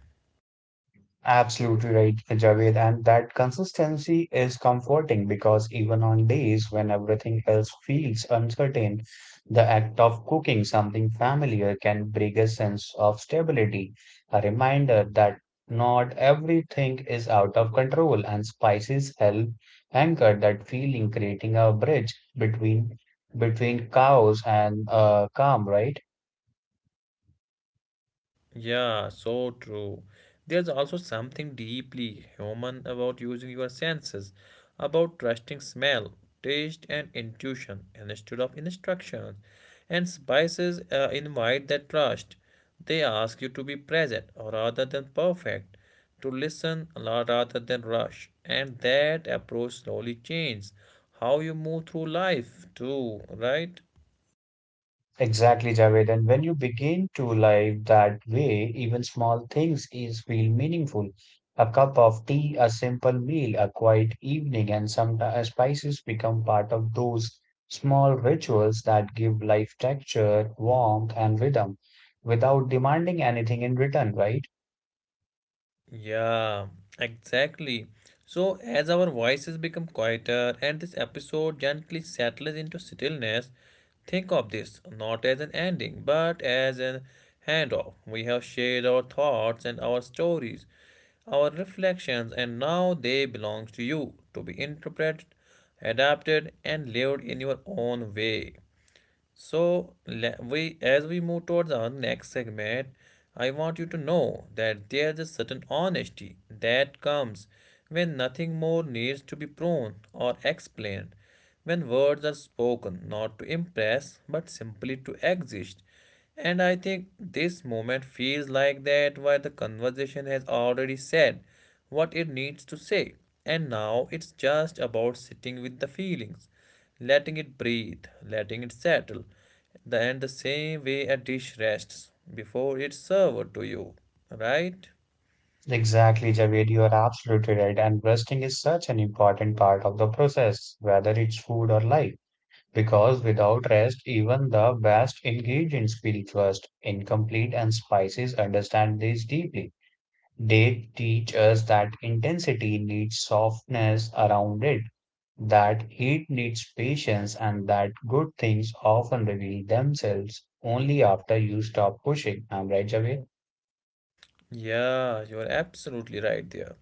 Absolutely right, Javed. And that consistency is comforting because even on days when everything else feels uncertain, the act of cooking something familiar can bring a sense of stability, a reminder that not everything is out of control, and spices help anchor that feeling, creating a bridge between chaos and calm, right?
Yeah, so true. There's also something deeply human about using your senses, about trusting smell, taste, and intuition instead of instructions. And spices invite that trust. They ask you to be present rather than perfect, to rather than rush. And that approach slowly changes how you move through life, too, right?
Exactly, Javed. And when you begin to live that way, even small things is feel meaningful. A cup of tea, a simple meal, a quiet evening, and some spices become part of those small rituals that give life texture, warmth, and rhythm without demanding anything in return, right?
Yeah, exactly. So, as our voices become quieter and this episode gently settles into stillness, think of this not as an ending but as an handoff. We have shared our thoughts and our stories, our reflections, and now they belong to you, to be interpreted, adapted, and lived in your own way. So, we as we move towards our next segment, I want you to know that there's a certain honesty that comes when nothing more needs to be proven or explained, when words are spoken not to impress but simply to exist. And I think this moment feels like that, where the conversation has already said what it needs to say, and now it's just about sitting with the feelings, letting it breathe, letting it settle. And the same way a dish rests before it's served to you, right?
Exactly, Javed. You are absolutely right. And resting is such an important part of the process, whether it's food or life. Because without rest, even the best engaged in spiritualist, incomplete and spices understand this deeply. They teach us that intensity needs softness around it, that heat needs patience, and that good things often reveal themselves only after you stop pushing. I'm right, Javier?
Yeah, you're absolutely right there.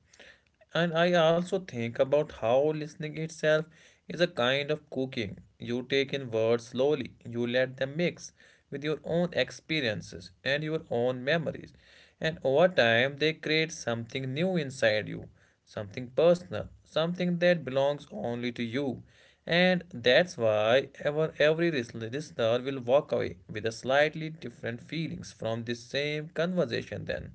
And I also think about how listening itself is a kind of cooking. You take in words slowly, you let them mix with your own experiences and your own memories. And over time, they create something new inside you, something personal, something that belongs only to you. And that's why every listener will walk away with a slightly different feelings from this same conversation then.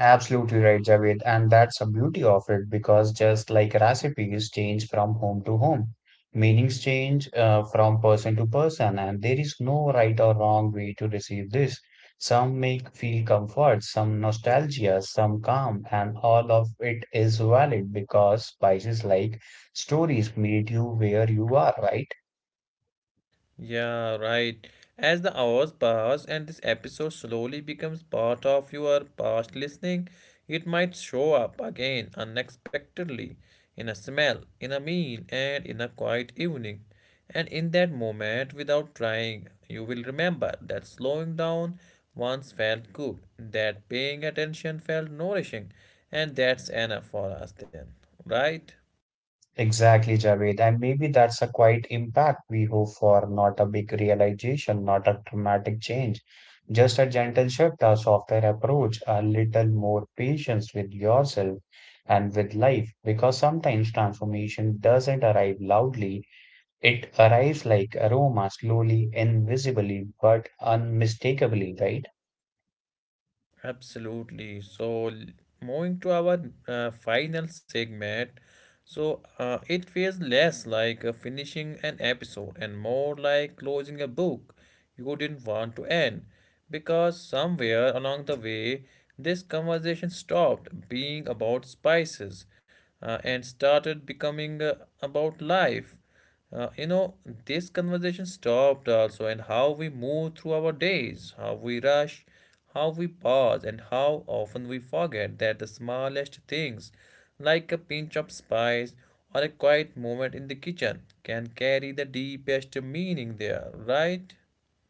Absolutely right, Javed. And that's the beauty of it because just like recipes change from home to home, meanings change from person to person, and there is no right or wrong way to receive this. Some make feel comfort, some nostalgia, some calm, and all of it is valid because spices like stories meet you where you are, right?
Yeah, right. As the hours pass and this episode slowly becomes part of your past listening, it might show up again unexpectedly in a smell, in a meal, and in a quiet evening. And in that moment, without trying, you will remember that slowing down once felt good, that paying attention felt nourishing, and that's enough for us then, right?
Exactly, Javed. And maybe that's a quiet impact we hope for, not a big realization, not a dramatic change. Just a gentle shift, a softer approach, a little more patience with yourself and with life. Because sometimes transformation doesn't arrive loudly, it arrives like aroma, slowly, invisibly, but unmistakably, right?
Absolutely. So, moving to our final segment, so it feels less like finishing an episode and more like closing a book you didn't want to end, because somewhere along the way, this conversation stopped being about spices and started becoming about life. You know, this conversation stopped also, and how we move through our days, how we rush, how we pause and how often we forget that the smallest things, like a pinch of spice or a quiet moment in the kitchen, can carry the deepest meaning there, right?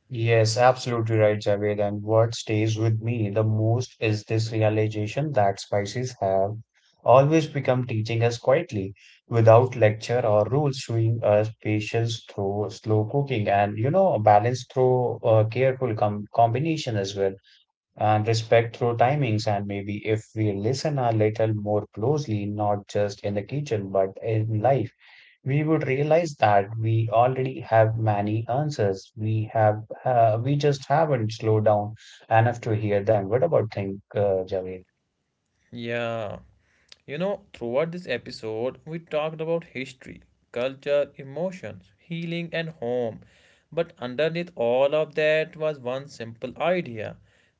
Yes, absolutely right, Javed. And what stays with me the most is this realization that spices have always become teaching us quietly, without lecture or rules, showing us patience through slow cooking and, balance through careful combination as well, and respect through timings. And maybe if we listen a little more closely, not just in the kitchen, but in life we would realize that we already have many answers. We just haven't slowed down enough to hear them. What about think, Javed?
Yeah. You know, throughout this episode, we talked about history, culture, emotions, healing, and home. But underneath all of that was one simple idea,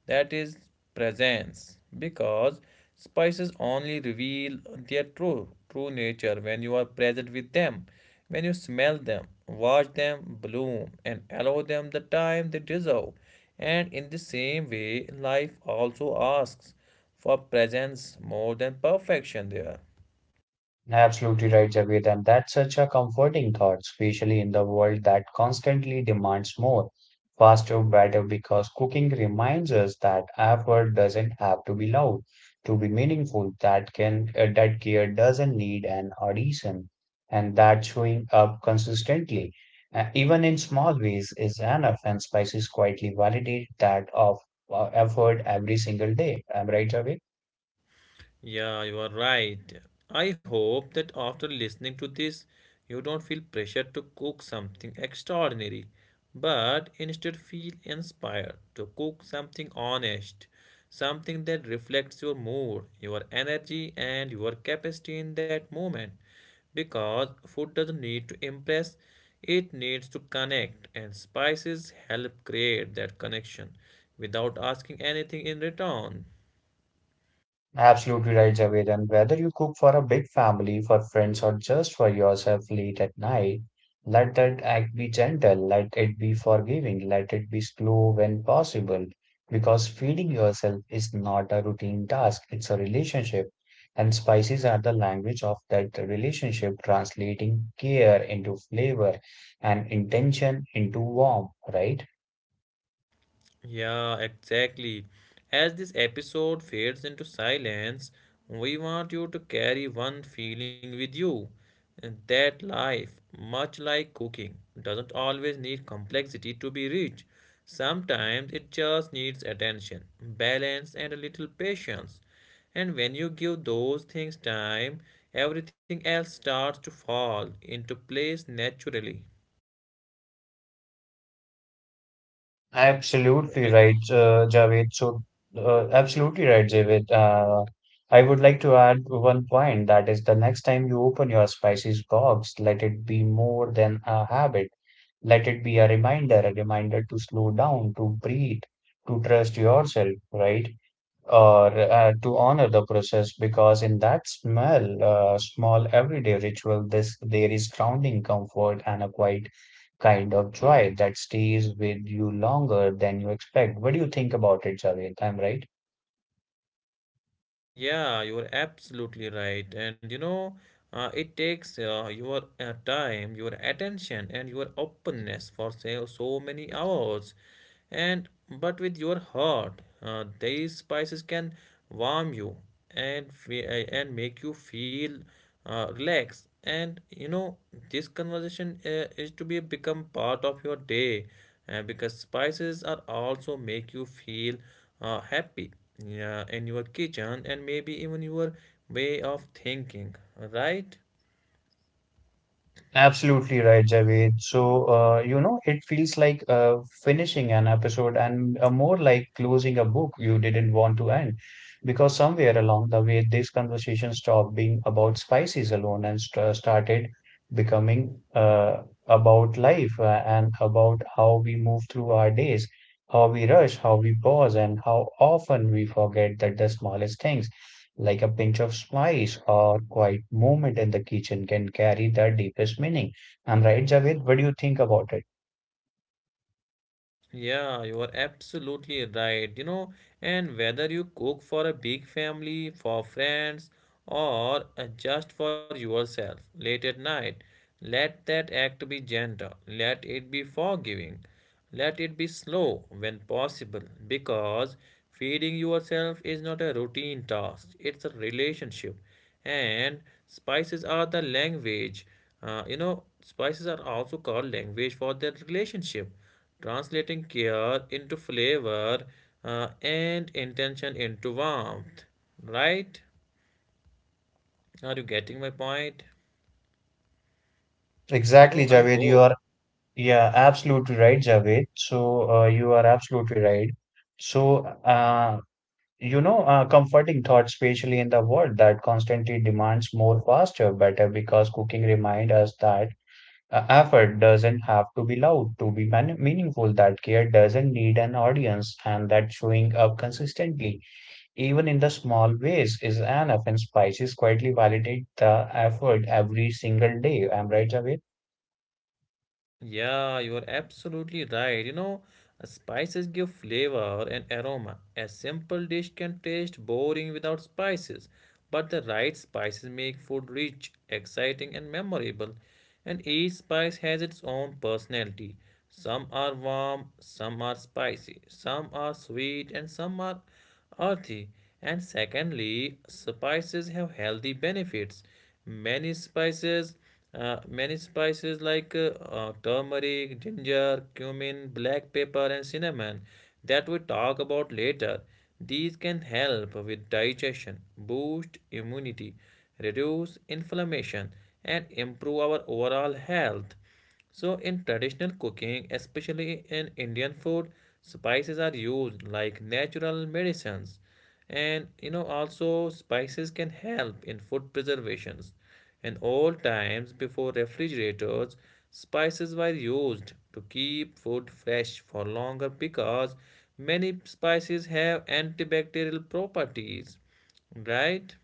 that is presence. Because spices only reveal their true nature when you are present with them, when you smell them, watch them bloom, and allow them the time they deserve. And in the same way, life also asks for presence more than perfection there.
Absolutely right, Javed. And that's such a comforting thought, especially in the world that constantly demands more, faster, better, because cooking reminds us that effort doesn't have to be loud to be meaningful, that care doesn't need an audition, and that showing up consistently, even in small ways, is enough. And spices quietly validate that of effort every single day. Am I right, Javed?
Yeah, you are right. I hope that after listening to this, you don't feel pressured to cook something extraordinary, but instead feel inspired to cook something honest, something that reflects your mood, your energy, and your capacity in that moment. Because food doesn't need to impress, it needs to connect, and spices help create that connection without asking anything in return.
Absolutely right, Javed. And whether you cook for a big family, for friends, or just for yourself late at night, let that act be gentle, let it be forgiving, let it be slow when possible. Because feeding yourself is not a routine task, it's a relationship. And spices are the language of that relationship, translating care into flavor and intention into warmth, right?
Yeah, exactly. As this episode fades into silence, we want you to carry one feeling with you, and that life, much like cooking, doesn't always need complexity to be rich. Sometimes it just needs attention, balance, and a little patience. And when you give those things time, everything else starts to fall into place naturally,
Absolutely
right?
right, Javed. So, absolutely right, Javed. I would like to add one point that is the next time you open your spices box, let it be more than a habit. Let it be a reminder to slow down, to breathe, to trust yourself, right? Or to honor the process because in that smell small everyday ritual this there is grounding comfort and a quiet kind of joy that stays with you longer than you expect. What do you think about it, Javed? I'm right?
Yeah, you're absolutely right. And you know, it takes your time, your attention, and your openness for say, so many hours. And but with your heart, these spices can warm you and and make you feel relaxed, and you know this conversation is to be become part of your day, because spices are also make you feel happy, yeah, in your kitchen and maybe even your way of thinking, right?
Absolutely right, Javed. So, it feels like finishing an episode and more like closing a book you didn't want to end. Because somewhere along the way, this conversation stopped being about spices alone and st started becoming about life and about how we move through our days, how we rush, how we pause, and how often we forget that the smallest things like a pinch of spice or quiet moment in the kitchen can carry the deepest meaning. I'm right, Javed. What do you think about it?
Yeah, you are absolutely right. You know, and whether you cook for a big family, for friends, or just for yourself late at night, let that act be gentle. Let it be forgiving. Let it be slow when possible, because feeding yourself is not a routine task, it's a relationship. And spices are the language. You know, spices are also called language for their relationship, translating care into flavor and intention into warmth. Right? Are you getting my point? You know,
Exactly,
I
Javed. You
hope.
are yeah, absolutely right, Javed. So you are absolutely right. So uh, comforting thoughts, especially in the world that constantly demands more, faster, better, because cooking reminds us that effort doesn't have to be loud to be man meaningful. That care doesn't need an audience, and that showing up consistently even in the small ways, is an offense. Spices quietly validate the effort every single day. I'm right, Javed?
Yeah, you are absolutely right. You know, spices give flavor and aroma. A simple dish can taste boring without spices, but the right spices make food rich, exciting, and memorable. And each spice has its own personality. Some are warm, some are spicy, some are sweet, and some are earthy. And secondly, spices have healthy benefits. Many spices like turmeric, ginger, cumin, black pepper and cinnamon, that we talk about later, these can help with digestion, boost immunity, reduce inflammation, and improve our overall health. So, in traditional cooking, especially in Indian food, spices are used like natural medicines. And you know, also spices can help in food preservations. In old times, before refrigerators, spices were used to keep food fresh for longer, because many spices have antibacterial properties, right?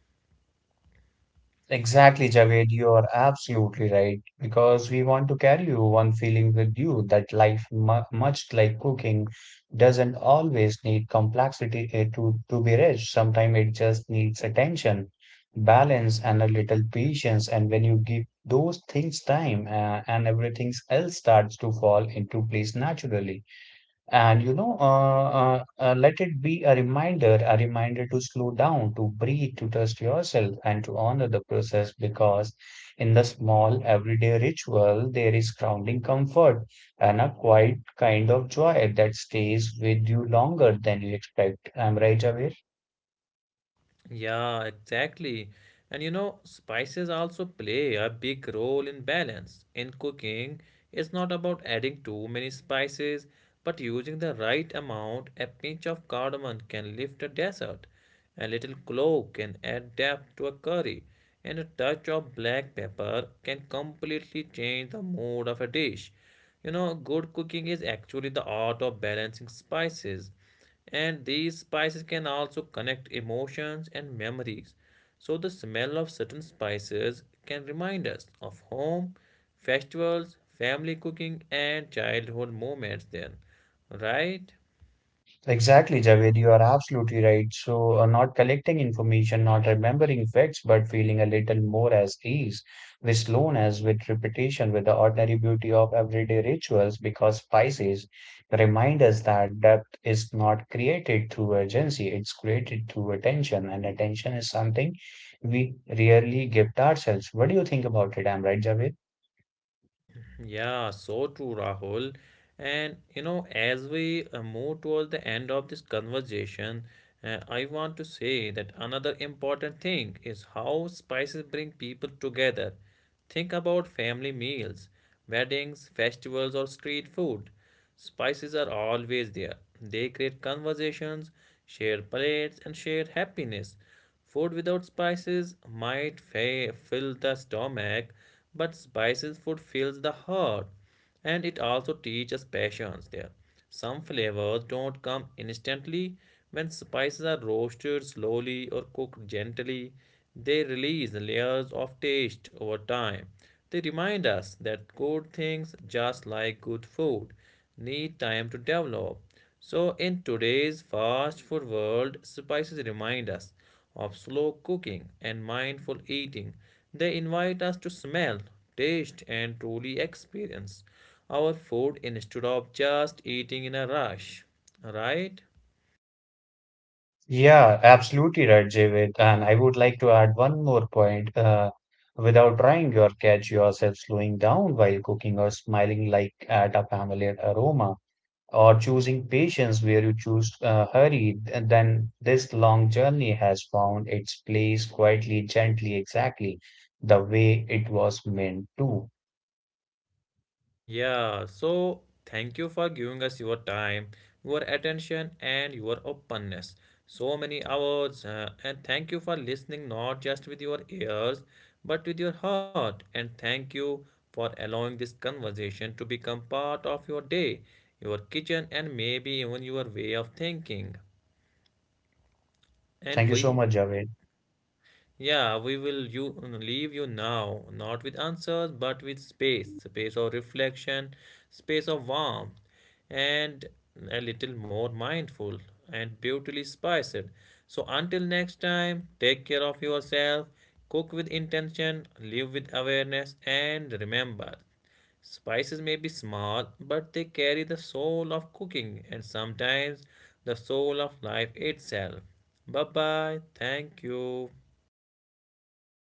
Exactly, Javed, you are absolutely right. Because we want to carry you one feeling with you that life, much like cooking, doesn't always need complexity to be rich. Sometimes it just needs attention, balance, and a little patience. And when you give those things time, and everything else starts to fall into place naturally. And let it be a reminder to slow down, to breathe, to trust yourself, and to honor the process because in the small everyday ritual, there is grounding comfort and a quiet kind of joy that stays with you longer than you expect. I'm right, Javier?
Yeah, exactly. And you know, spices also play a big role in balance. In cooking, it's not about adding too many spices, but using the right amount. A pinch of cardamom can lift a dessert, a little clove can add depth to a curry, and a touch of black pepper can completely change the mood of a dish. You know, good cooking is actually the art of balancing spices, and these spices can also connect emotions and memories. So, the smell of certain spices can remind us of home, festivals, family cooking, and childhood moments, then, right?
Exactly, Javed, you are absolutely right. So, not collecting information, not remembering facts, but feeling a little more as ease with slowness, with repetition, with the ordinary beauty of everyday rituals, because spices remind us that depth is not created through urgency, it's created through attention, and attention is something we rarely gift ourselves. What do you think about it? I'm right, Javed?
Yeah, so true, Rahul. And you know, as we move towards the end of this conversation, I want to say that another important thing is how spices bring people together. Think about family meals, weddings, festivals, or street food. Spices are always there. They create conversations, share plates, and share happiness. Food without spices might fill the stomach, but spices food fills the heart, and it also teaches patience there. Some flavors don't come instantly. When spices are roasted slowly or cooked gently, they release layers of taste over time. They remind us that good things, just like good food, need time to develop. So, in today's fast food world, spices remind us of slow cooking and mindful eating. They invite us to smell, taste, and truly experience our food instead of just eating in a rush. Right?
Yeah, absolutely right, Javed. And I would like to add one more point. Without trying your catch yourself slowing down while cooking or smiling like at a familiar aroma or choosing patience where you choose hurry, then this long journey has found its place quietly, gently, exactly the way it was meant to.
Yeah, so thank you for giving us your time, your attention, and your openness. So many hours, and thank you for listening not just with your ears but with your heart. And thank you for allowing this conversation to become part of your day, your kitchen, and maybe even your way of thinking.
Thank
And
you so
we...
much, Javed.
Yeah, we will you leave you now, not with answers, but with space, space of reflection, space of warmth, and a little more mindful and beautifully spiced. So until next time, take care of yourself, cook with intention, live with awareness, and remember, spices may be small, but they carry the soul of cooking and sometimes the soul of life itself. Bye bye. Thank you.